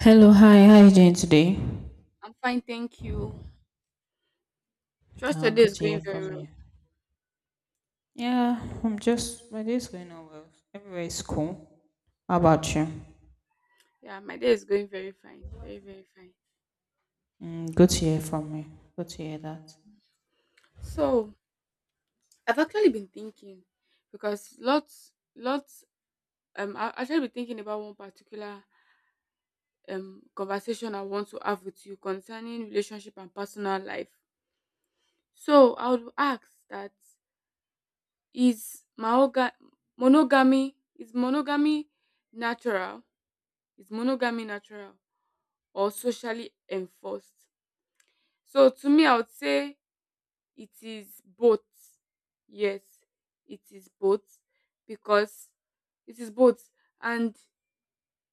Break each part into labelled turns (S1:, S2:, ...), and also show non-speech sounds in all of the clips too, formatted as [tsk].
S1: Hello, hi, how are you doing today?
S2: I'm fine, thank you. Trust your day
S1: Good
S2: is
S1: to
S2: going
S1: hear
S2: very
S1: from
S2: well.
S1: you. Yeah, my day's going on well. Everywhere is cool. How about you?
S2: Yeah, my day is going very fine. Very, very fine.
S1: Mm, good to hear from you. Good to hear that.
S2: So I've actually been thinking because lots I actually been thinking about one particular conversation I want to have with you concerning relationship and personal life. So I would ask that is maoga monogamy natural? Is monogamy natural or socially enforced? So to me I would say it is both. Yes, it is both because it is both and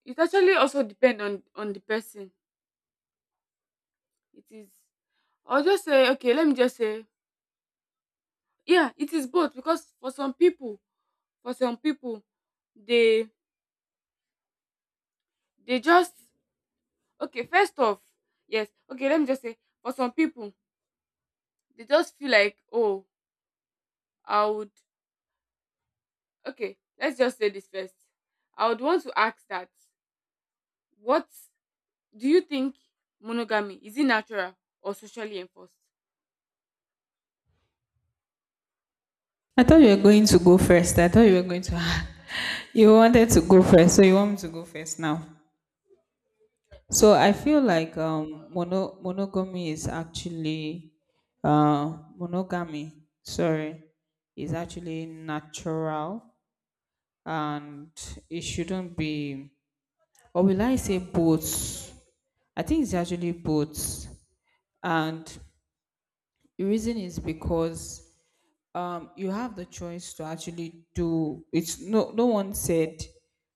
S2: it actually also depend on the person. It is I'll just say okay, let me just say yeah, it is both because for some people, for some people they they just okay, first off, yes, okay, let me just say for some people they just feel like oh, I would okay, let's just say this first. I would want to ask that what do you think? Monogamy, is it natural or socially enforced?
S1: I thought you were going to go first. I thought you were going to, [laughs] you wanted to go first, so you want me to go first now. So I feel like monogamy is actually, monogamy, sorry, is actually natural and it shouldn't be or will I say both? I think it's actually both. And the reason is because you have the choice to actually do it's no no one said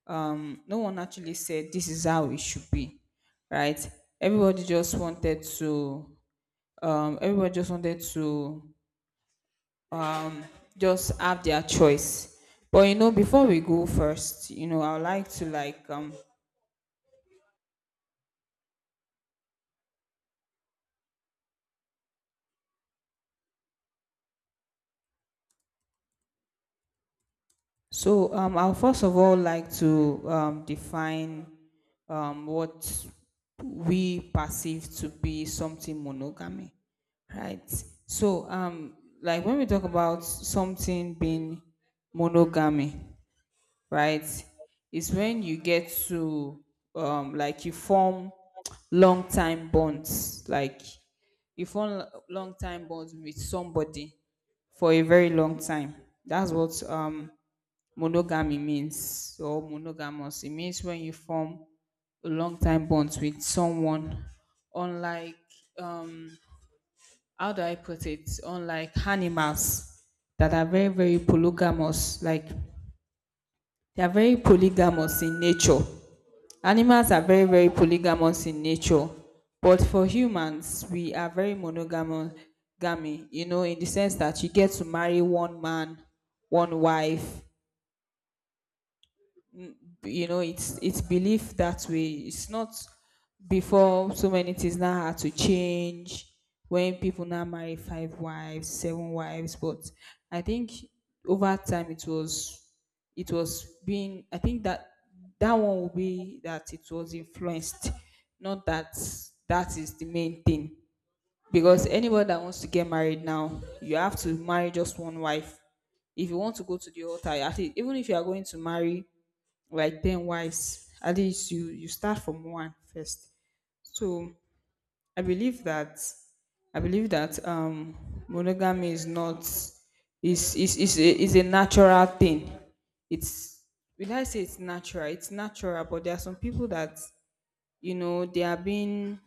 S1: No one actually said this is how it should be, right? Everybody just wanted to Everybody just wanted to just have their choice. But you know, before we go first, you know, I would like to like So I'll first of all like to define what we perceive to be something monogamy, right? So like when we talk about something being monogamy, right, it's when you get to like you form long time bonds, like you form long time bonds with somebody for a very long time. That's what monogamy means, or monogamous. It means when you form a long time bonds with someone, unlike, um, how do I put it? Unlike animals that are very, very polygamous, like they are very polygamous in nature. Animals are very, very polygamous in nature, but for humans, we are very monogamous, you know, in the sense that you get to marry one man, one wife. You know, it's belief that way. It's not before, so many things now had to change when people now marry five wives, seven wives. But I think over time it was, it was being, I think that that one will be that it was influenced, not that that is the main thing, because anybody that wants to get married now, you have to marry just one wife. If you want to go to the altar, at least even if you are going to marry like 10 wives, at least you start from one first. So I believe that, I believe that monogamy is not, is a natural thing. It's, will I say it's natural? It's natural, but there are some people that, you know, they are being,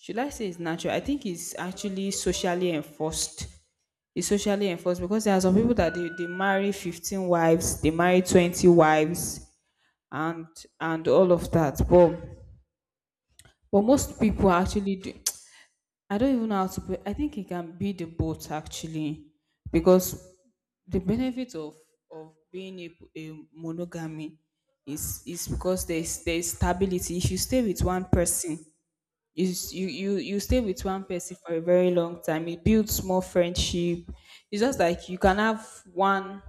S1: should I say it's natural? I think it's actually socially enforced. It's socially enforced because there are some people that they marry 15 wives, they marry 20 wives and all of that. But most people actually do. I don't even know how to put. I think it can be the both actually, because the benefit of being a monogamy is because there's stability. If you stay with one person, you stay with one person for a very long time, it builds more friendship. It's just like you can have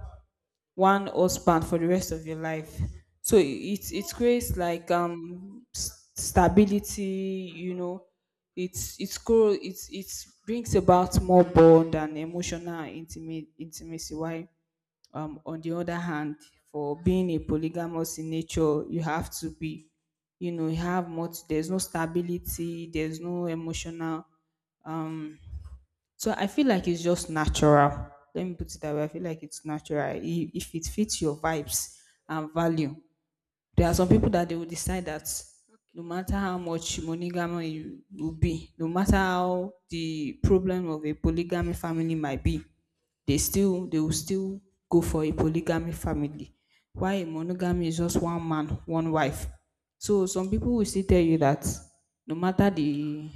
S1: one husband for the rest of your life. So it creates like stability, you know. It's cool. It's it brings about more bond and emotional intimate intimacy. Why, on the other hand, for being a polygamous in nature, you have to be, you know, you have much. There's no stability. There's no emotional, so I feel like it's just natural. Let me put it that way. I feel like it's natural. I- If it fits your vibes and value, there are some people that they will decide that no
S2: Okay.
S1: matter how much monogamy you will be, no matter how the problem of a polygamy family might be, they will still go for a polygamy family. Why a monogamy is just one man, one wife. So some people will still tell you that no matter the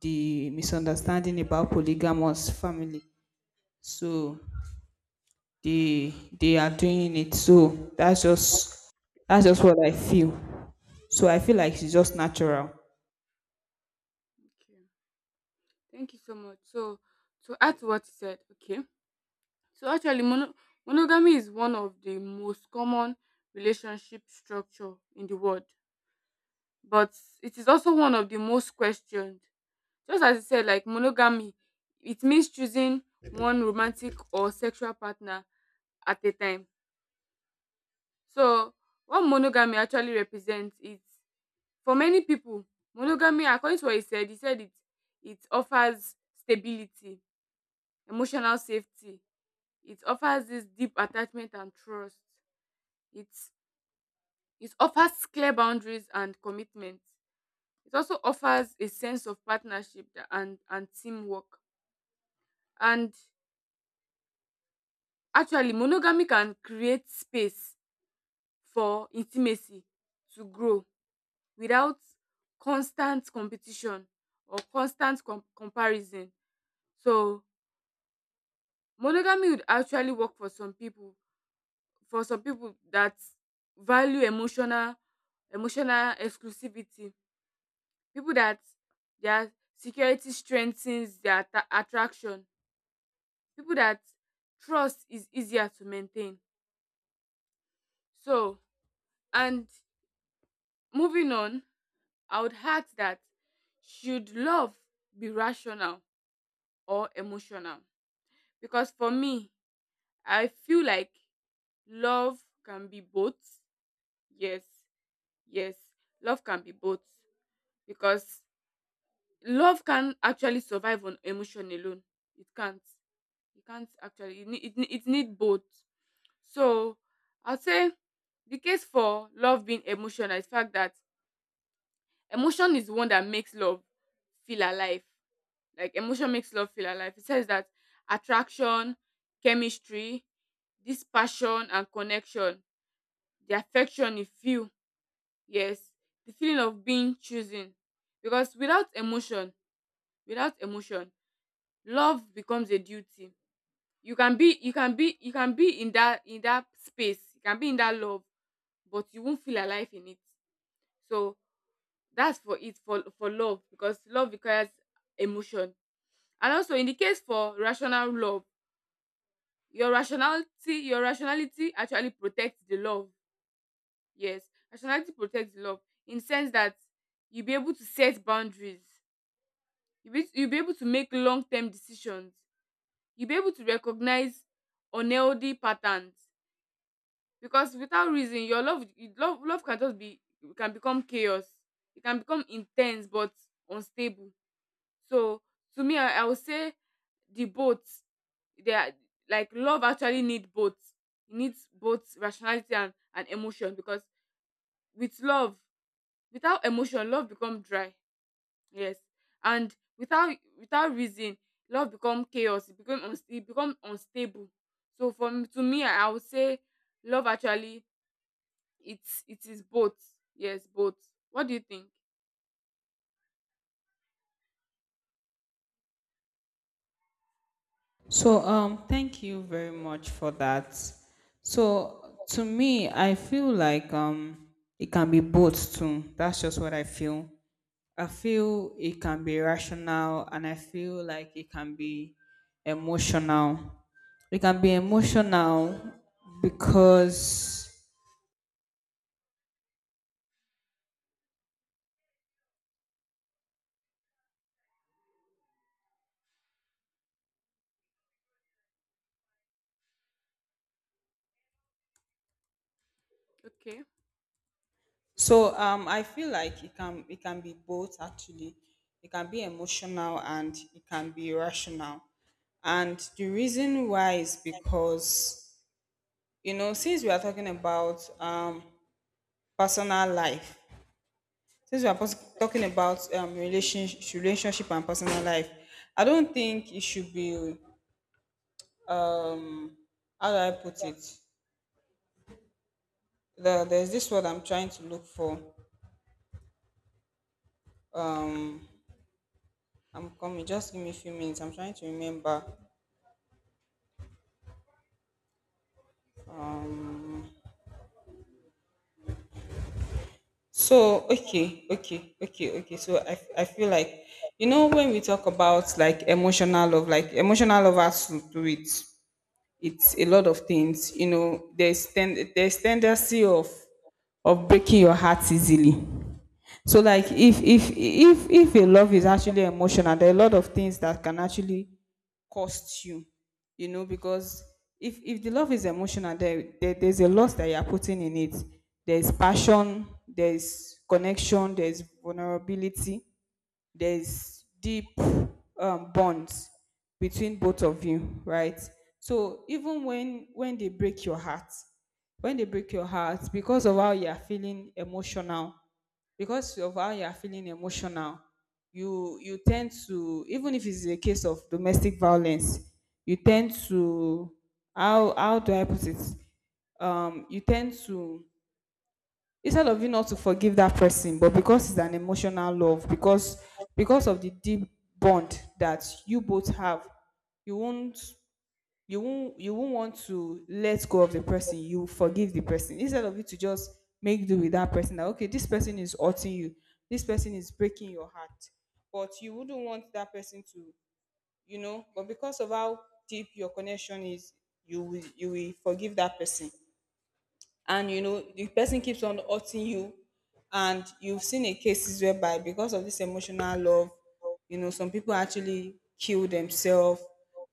S1: misunderstanding about polygamous family, so they they are doing it. So that's just that's just what I feel. So I feel like it's just natural.
S2: okay. Thank you so much. So, to add to what you said, okay. So actually, monogamy is one of the most common relationship structure in the world, but it is also one of the most questioned. Just as you said, like monogamy, it means choosing one romantic or sexual partner at a time. So, what monogamy actually represents is for many people, monogamy, according to what he said it offers stability, emotional safety. It offers this deep attachment and trust. It it offers clear boundaries and commitment. It also offers a sense of partnership and teamwork. And actually, monogamy can create space for intimacy to grow without constant competition or constant comparison. So monogamy would actually work for some people, that value emotional exclusivity, people that their security strengthens their attraction, people that trust is easier to maintain. So, and moving on, I would add that should love be rational or emotional? Because for me, I feel like love can be both. Yes, Yes, love can be both because love can actually survive on emotion alone. It can't. It can't actually. It need both. So I'll say the case for love being emotional is fact that emotion is the one that makes love feel alive. Like emotion makes love feel alive. It says that attraction, chemistry, this passion and connection, the affection you feel. Yes, the feeling of being chosen. Because without emotion, without emotion, love becomes a duty. You can be in that space, you can be in that love, but you won't feel alive in it. So that's for it for love because love requires emotion. And also in the case for rational love, your rationality actually protects the love. Yes, rationality protects the love in sense that you'll be able to set boundaries. You'll be able to make long term decisions. You'll be able to recognize unhealthy patterns because without reason, your love, you- love, love can just be, can become chaos. It can become intense but unstable. So to me, I would say the both they are like love actually need both. It needs both rationality and emotion because with love without emotion love become dry. Yes. And without reason, love become chaos. It become unstable. So from to me, I would say love actually it is both. Yes, both. What do you think?
S1: So thank you very much for that. So to me I feel like it can be both too. That's just what I feel. I feel it can be rational and I feel like it can be emotional. It can be emotional because,
S2: Okay.
S1: so I feel like it can be both actually. It can be emotional and it can be rational. And the reason why is because, you know, since we are talking about personal life, since we are talking about relationship and personal life, I don't think it should be um, how do I put it? The, there's this word I'm trying to look for. Um, I'm coming. Just give me a few minutes. I'm trying to remember. So okay. So I feel like, you know, when we talk about like emotional love has to do it, it's a lot of things, you know. There's tendency of breaking your heart easily. So like if a love is actually emotional, there are a lot of things that can actually cost you, you know, because if the love is emotional, there's a loss that you're putting in it. There's passion, there's connection, there's vulnerability, there's deep bonds between both of you, right? So even when they break your heart, when they break your heart, because of how you are feeling emotional, because of how you are feeling emotional you, you tend to, even if it's a case of domestic violence, you tend to, how do I put it? You tend to, instead of you not to forgive that person, but because it's an emotional love, because of the deep bond that you both have, you won't, you won't want to let go of the person. You forgive the person instead of you to just make do with that person, that okay, this person is hurting you, this person is breaking your heart, but you wouldn't want that person to, you know, but because of how deep your connection is, you will forgive that person. And you know, the person keeps on hurting you, and you've seen a cases whereby because of this emotional love, you know, some people actually kill themselves,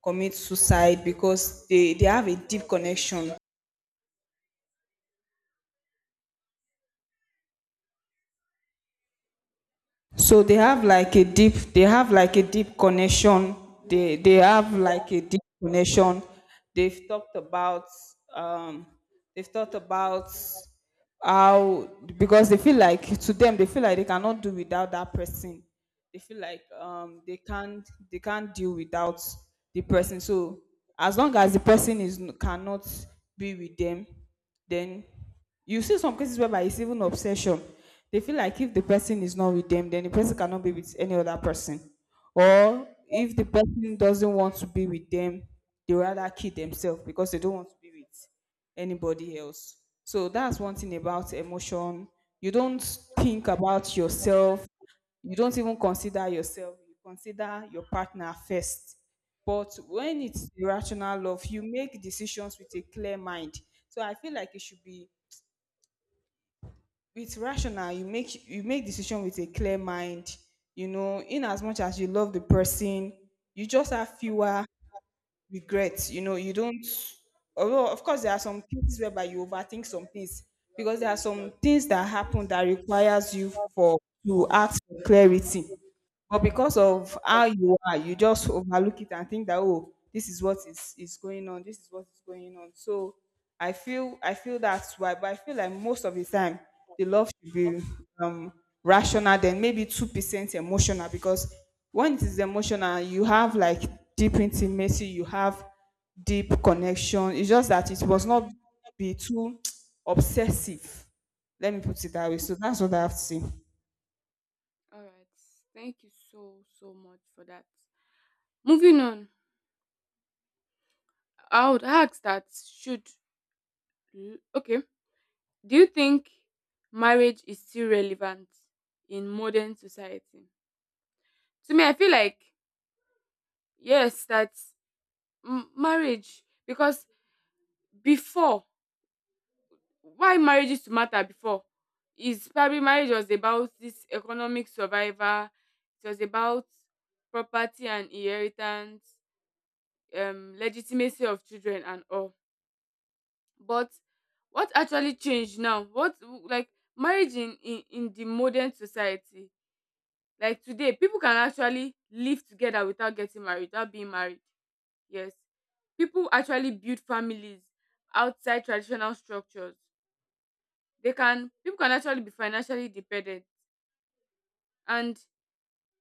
S1: commit suicide because they have a deep connection. So they have like a deep, they have like a deep connection. They have like a deep connection. They've talked about um they've talked about how, because they feel like, to them they feel like they cannot do without that person. They feel like they can't deal without the person. So as long as the person is cannot be with them, then you see some cases whereby it's even obsession. They feel like if the person is not with them, then the person cannot be with any other person. Or if the person doesn't want to be with them, they rather kill themselves because they don't want to be with anybody else. So that's one thing about emotion. You don't think about yourself. You don't even consider yourself. You consider your partner first. But when it's irrational love, you make decisions with a clear mind. So I feel like it should be, with rational you make decision with a clear mind, you know, in as much as you love the person, you just have fewer regrets. You know, you don't, although of course there are some things whereby you overthink some things, because there are some things that happen that requires you for to ask for clarity. But because of how you are, you just overlook it and think that oh, this is what is going on, this is what is going on. So I feel that's why. But I feel like most of the time the love should be um rational, then maybe 2% emotional, because when it is emotional, you have like deep intimacy, you have deep connection. It's just that it must not be too [tsk] obsessive. Let me put it that way. So that's what I have to say.
S2: All right. Thank you so so much for that. Moving on, I would ask that should okay. Do you think marriage is still relevant in modern society? To me, I feel like yes, that marriage because before why marriage used to matter before is probably marriage was about this economic survival. It was about property and inheritance, legitimacy of children and all. But what actually changed now? What, like marriage in the modern society, like today people can actually live together without getting married, without being married. Yes, people actually build families outside traditional structures. They can People can actually be financially dependent. And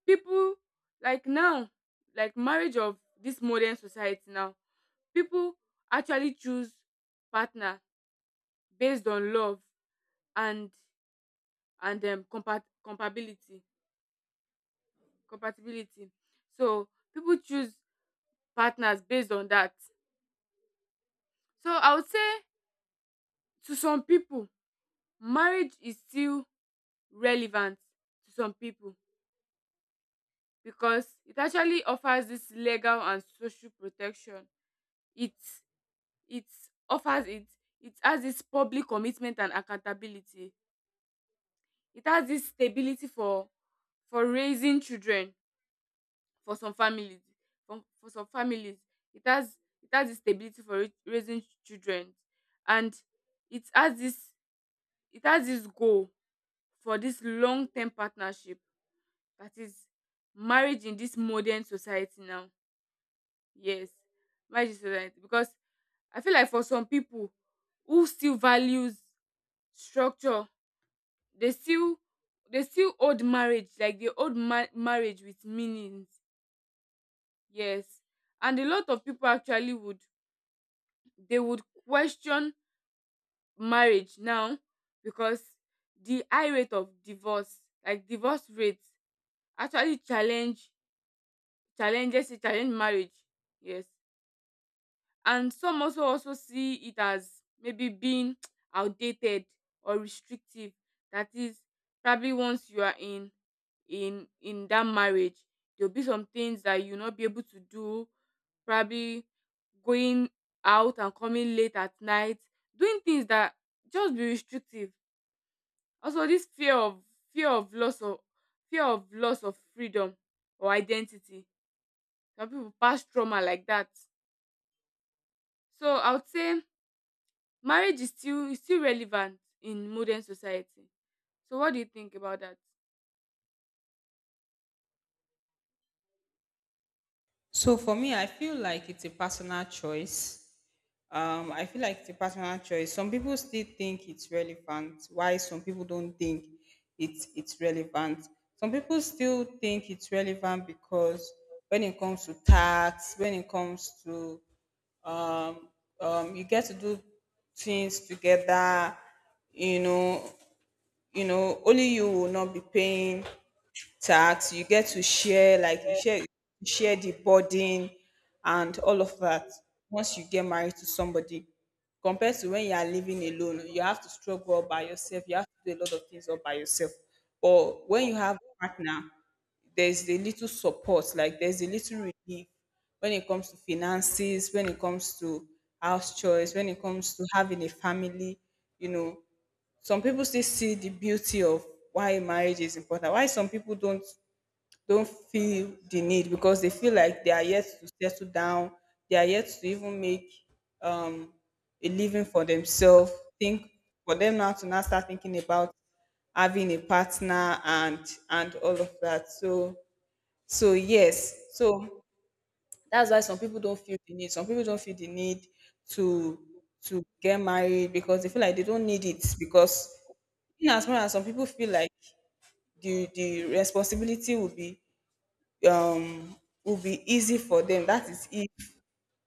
S2: people, like now, like marriage of this modern society now, people actually choose partner based on love and compatibility. compatibility so people choose partners based on that. So I would say to some people marriage is still relevant. To some people, because it actually offers this legal and social protection. it it offers it. It has this public commitment and accountability. It has this stability for raising children. For some families, for some families, it has this stability for raising children. And it has this, it has this goal for this long-term partnership. That is marriage in this modern society now. Yes, marriage in society because I feel like for some people who still values structure, dey still, dey still hold marriage like dey hold ma marriage with meanings. Yes. And a lot of people actually would, they would question marriage now because the high rate of divorce, like divorce rate actually challenge, challenge marriage. Yes. And some also also see it as maybe being [tsk] outdated or restrictive. That is probably once you are in in that marriage, there'll be some things that you'll not be able to do, probably going out and coming late at night, doing things that just be restrictive. Also this fear of, fear of loss of fear of loss of freedom or identity, some people pass trauma like that. So I would say marriage is still relevant in modern society. So what do you think about that?
S1: So for me, I feel like it's a personal choice. I feel like it's a personal choice. Some people still think it's relevant. Why some people don't think it's relevant? Some people still think it's relevant because when it comes to tax, when it comes to um, you get to do things together. You know, you know, only you will not be paying tax. You get to share, like you share, you share the burden and all of that once you get married to somebody, compared to when you are living alone. You have to struggle all by yourself, you have to do a lot of things all by yourself. But when you have a partner, there's a little support, like there's a little relief when it comes to finances, when it comes to house chores, when it comes to having a family, you know, some people still see the beauty of why marriage is important. Why some people don't feel the need, because they feel like they are yet to settle down, they are yet to even make um, a living for themselves. Think, for them now to now start thinking about having a partner and all of that. So so yes, so that's why some people don't feel the need. Some people don't feel the need to to get married because they feel like they don't need it. Because in as much as some people feel like the responsibility um will be easy for them, that is if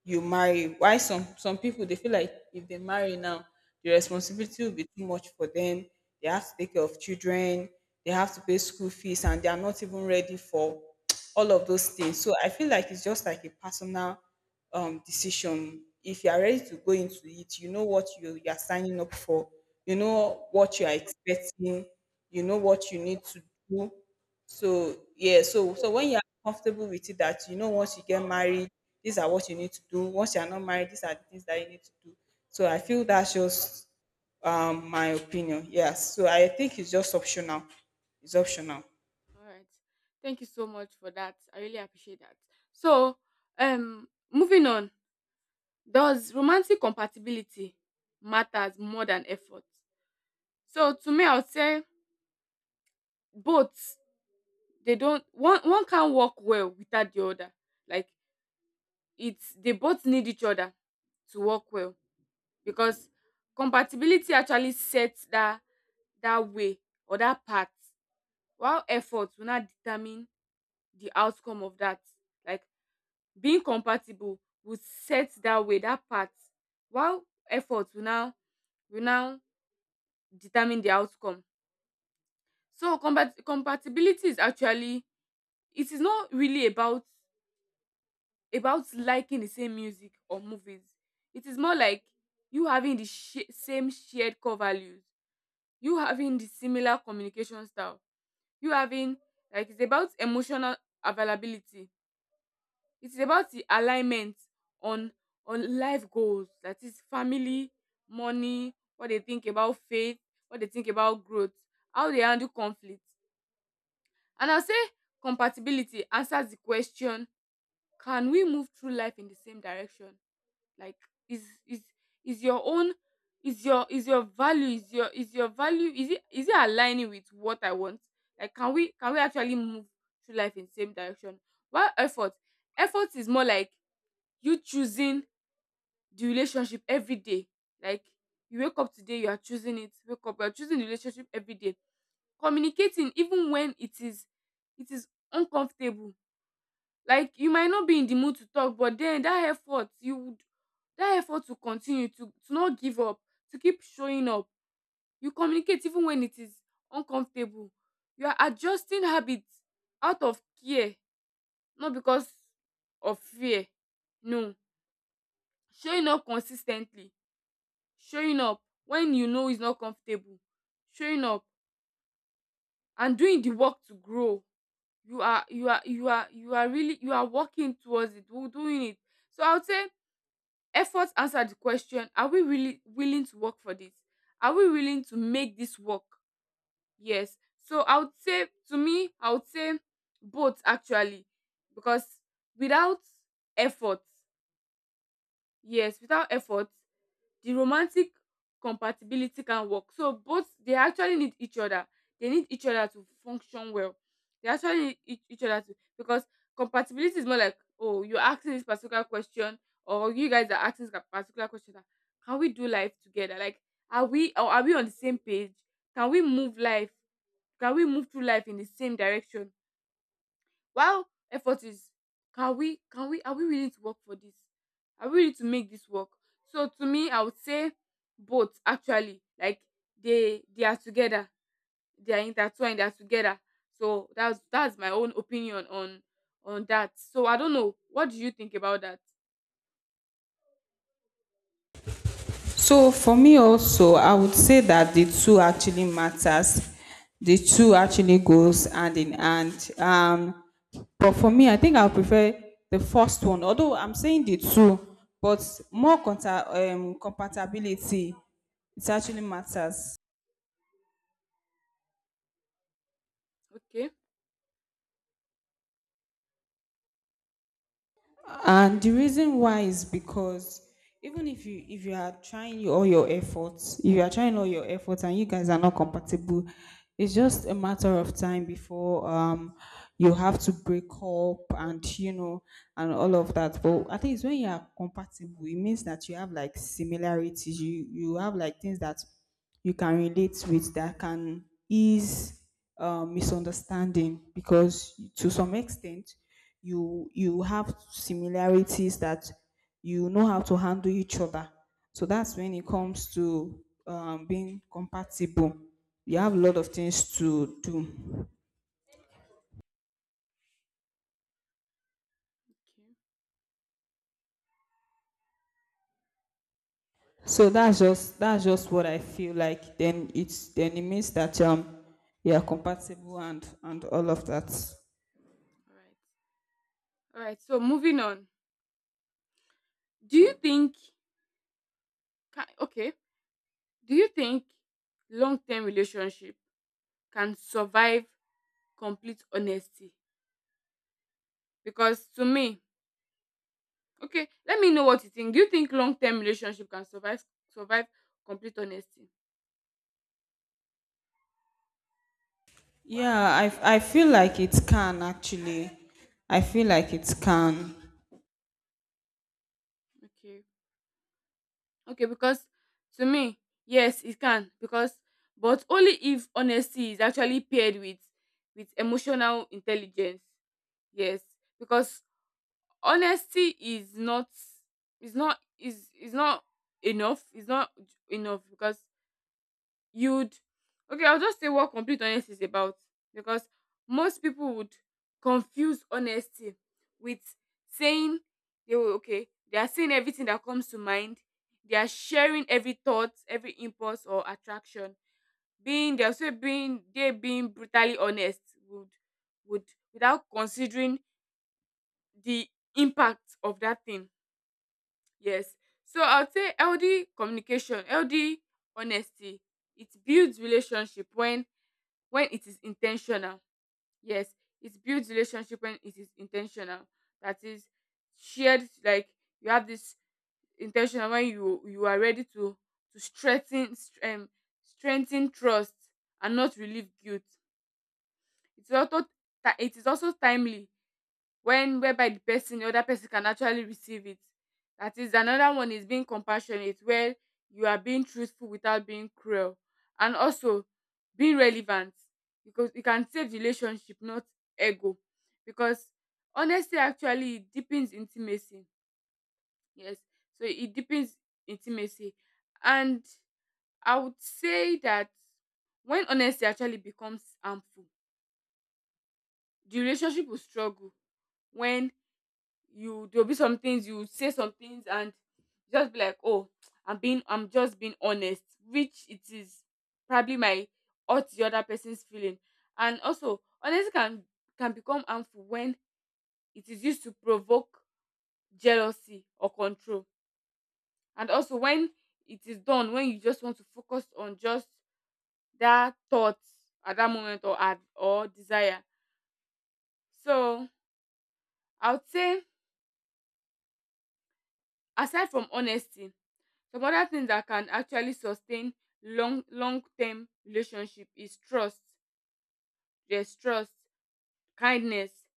S1: you marry. Why some people, they feel like if they marry now, the responsibility will be too much for them. They have to take care of children, they have to pay school fees, and they are not even ready for all of those things. So I feel like it's just like a personal decision. If you are ready to go into it, you know what you are signing up for, you know what you are expecting, you know what you need to do. So yeah, so so when you are comfortable with it, that you know once you get married, these are what you need to do. Once you are not married, these are the things that you need to do. So I feel that's just my opinion. Yes. So I think it's just optional. It's optional.
S2: All right. Thank you so much for that. I really appreciate that. So, moving on, does romantic compatibility matters more than effort? So to me I would say both. They don't, one can't work well without the other. Like it's they both need each other to work well because compatibility actually sets that, that way or that path, while effort will not determine the outcome of that. Like being compatible will set that way, that path, while effort will now, will now determine the outcome. So compatibility is actually, it is not really about liking the same music or movies. It is more like you having the same shared core values, you having the similar communication style, you having, like it's about emotional availability. It is about the alignment on on life goals, that is family, money, what they think about faith, what they think about growth, how they handle conflict. And I'll say compatibility answers the question, can we move through life in the same direction? Like is is your own, is your value, is your value, is it aligning with what I want? Like can we, can we actually move through life in the same direction? While effort, effort is more like you choosing the relationship every day. Like you wake up today, you are choosing it, wake up, you are choosing the relationship every day, communicating even when it is, it is uncomfortable. Like you might not be in the mood to talk, but then that effort you would, that effort to continue to not give up, to keep showing up, you communicate even when it is uncomfortable. You are adjusting habits out of care, not because of fear. No, showing up consistently. Showing up when you know it's not comfortable, showing up and doing the work to grow. You are really you are working towards it, we doing it. So I would say effort answer the question, are we really willing to work for this? Are we willing to make this work? Yes. So I would say, to me I would say both actually, because without effort, yes, without effort the romantic compatibility can work. So both, they actually need each other. They need each other to function well. They actually need each other to because compatibility is more like, oh you're asking this particular question, or you guys are asking this particular question, that can we do life together? Like are we, or are we on the same page? Can we move life? Can we move through life in the same direction? While effort is, can we are we willing to work for this? Are we willing to make this work? So to me, I would say both actually. Like they are together. They are intertwined, they are together. So that's my own opinion on that. So I don't know. What do you think about that?
S1: So for me also, I would say that the two actually matters. The two actually goes hand in hand. But for me, I think I prefer the first one. Although I'm saying the two, but more compatibility, it actually matters.
S2: Okay.
S1: And the reason why is because even if you are trying all your efforts, if you are trying all your efforts and you guys are not compatible, it's just a matter of time before you have to break up, and you know, and all of that. But I think it's when you are compatible, it means that you have like similarities. You have like things that you can relate with, that can ease misunderstanding. Because to some extent, you have similarities, that you know how to handle each other. So that's when it comes to being compatible, you have a lot of things to do.
S2: Okay.
S1: So that's just what I feel like. Then it's, then it means that you are compatible and all of that.
S2: All right. So moving on. Do you think okay, do you think long-term relationship can survive complete honesty? Because to me, okay, let me know what you think. Do you think long term relationship can survive complete honesty?
S1: Yeah, I feel like it can actually, I feel like it can.
S2: Okay. Okay, because to me, yes, it can. Because but only if honesty is actually paired with emotional intelligence. Yes. Because honesty is is not enough. It's not j- enough because you'd okay, I'll just say what complete honesty is about, because most people would confuse honesty with saying they will, okay, they are saying everything that comes to mind. They are sharing every thought, every impulse or attraction, being they're also being they being brutally honest, would would without considering the impact of that thing. Yes. So I'll say ld communication, ld honesty, it builds relationship when it is intentional. Yes, it builds relationship when it is intentional. That is shared, like you have this intentional when you are ready to strengthen strengthen trust and not relieve guilt. It is also it is also timely, when whereby the other person can actually receive it. That is, another one is being compassionate, where you are being truthful without being cruel. And also being relevant, because you can save relationship, not ego. Because honesty actually deepens intimacy. Yes, so it deepens intimacy. And I would say that when honesty actually becomes harmful, the relationship will struggle. When you, there'll be some things you say, some things, and just be like, oh, I'm just being honest, which it is probably my hurt the other person's feeling. And also honesty can become harmful when it is used to provoke jealousy or control. And also when it is done, when you just want to focus on just that thought at that moment, or at or desire. So I would say, aside from honesty, some other things that can actually sustain long term relationship is trust. There's trust, kindness,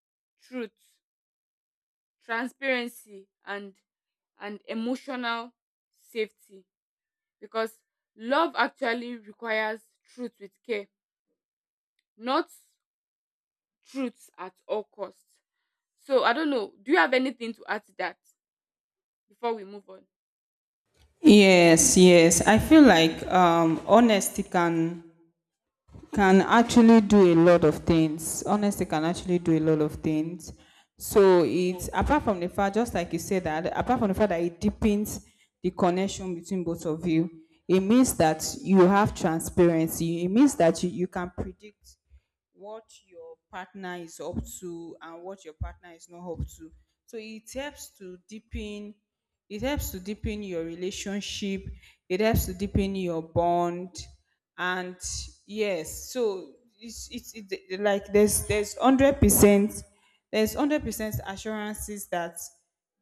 S2: truth, transparency, and emotional safety. Because love actually requires truth with care, not truth at all costs. So I don't know, do you have anything to add to that before we move on?
S1: Yes, yes. I feel like honesty can actually do a lot of things. Honesty can actually do a lot of things. So it's apart from the fact, just like you said, that apart from the fact that it deepens the connection between both of you, it means that you have transparency. It means that you can predict what your partner is up to and what your partner is not up to. So it helps to deepen, it helps to deepen your relationship, it helps to deepen your bond. And yes, so it's it, like there's 100% there's 100% assurances that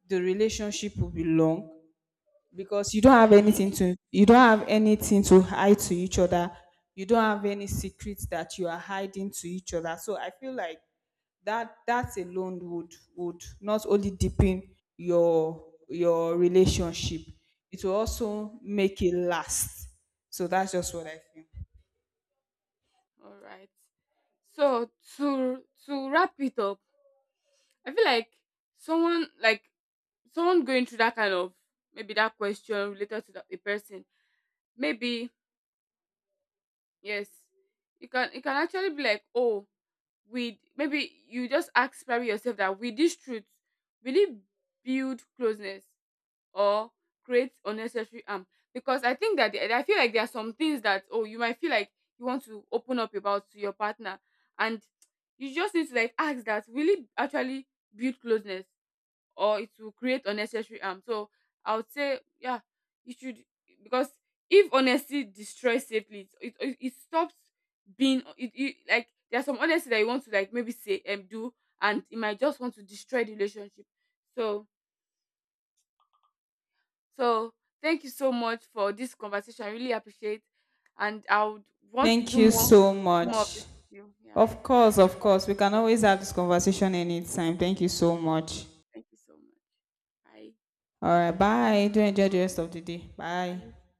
S1: the relationship will be long, because you don't have anything to, you don't have anything to hide to each other. You don't have any secrets that you are hiding to each other. So I feel like that that alone would not only deepen your relationship, it will also make it last. So that's just what I feel.
S2: All right. So to wrap it up, I feel like someone like someone going through that kind of, maybe that question related to the person, maybe, yes, you can, it can actually be like, oh, we, maybe you just ask probably yourself that, with this truth, will it build closeness or create unnecessary harm? Because I think I feel like there are some things that, oh, you might feel like you want to open up about to your partner, and you just need to like ask that, will it actually build closeness or it will create unnecessary harm? So I would say, yeah, you should, because if honesty destroys safely, it stops being it, it, like, there's some honesty that you want to like maybe say and do, and it might just want to destroy the relationship. So, so thank you so much for this conversation. I really appreciate, and I would want to
S1: Thank
S2: do
S1: you so
S2: more of this
S1: much.
S2: with you. Yeah,
S1: Of course, of course we can always have this conversation anytime. Thank you so much.
S2: thank you so much. Bye.
S1: All right, bye. Do enjoy the rest of the day. Bye.
S2: I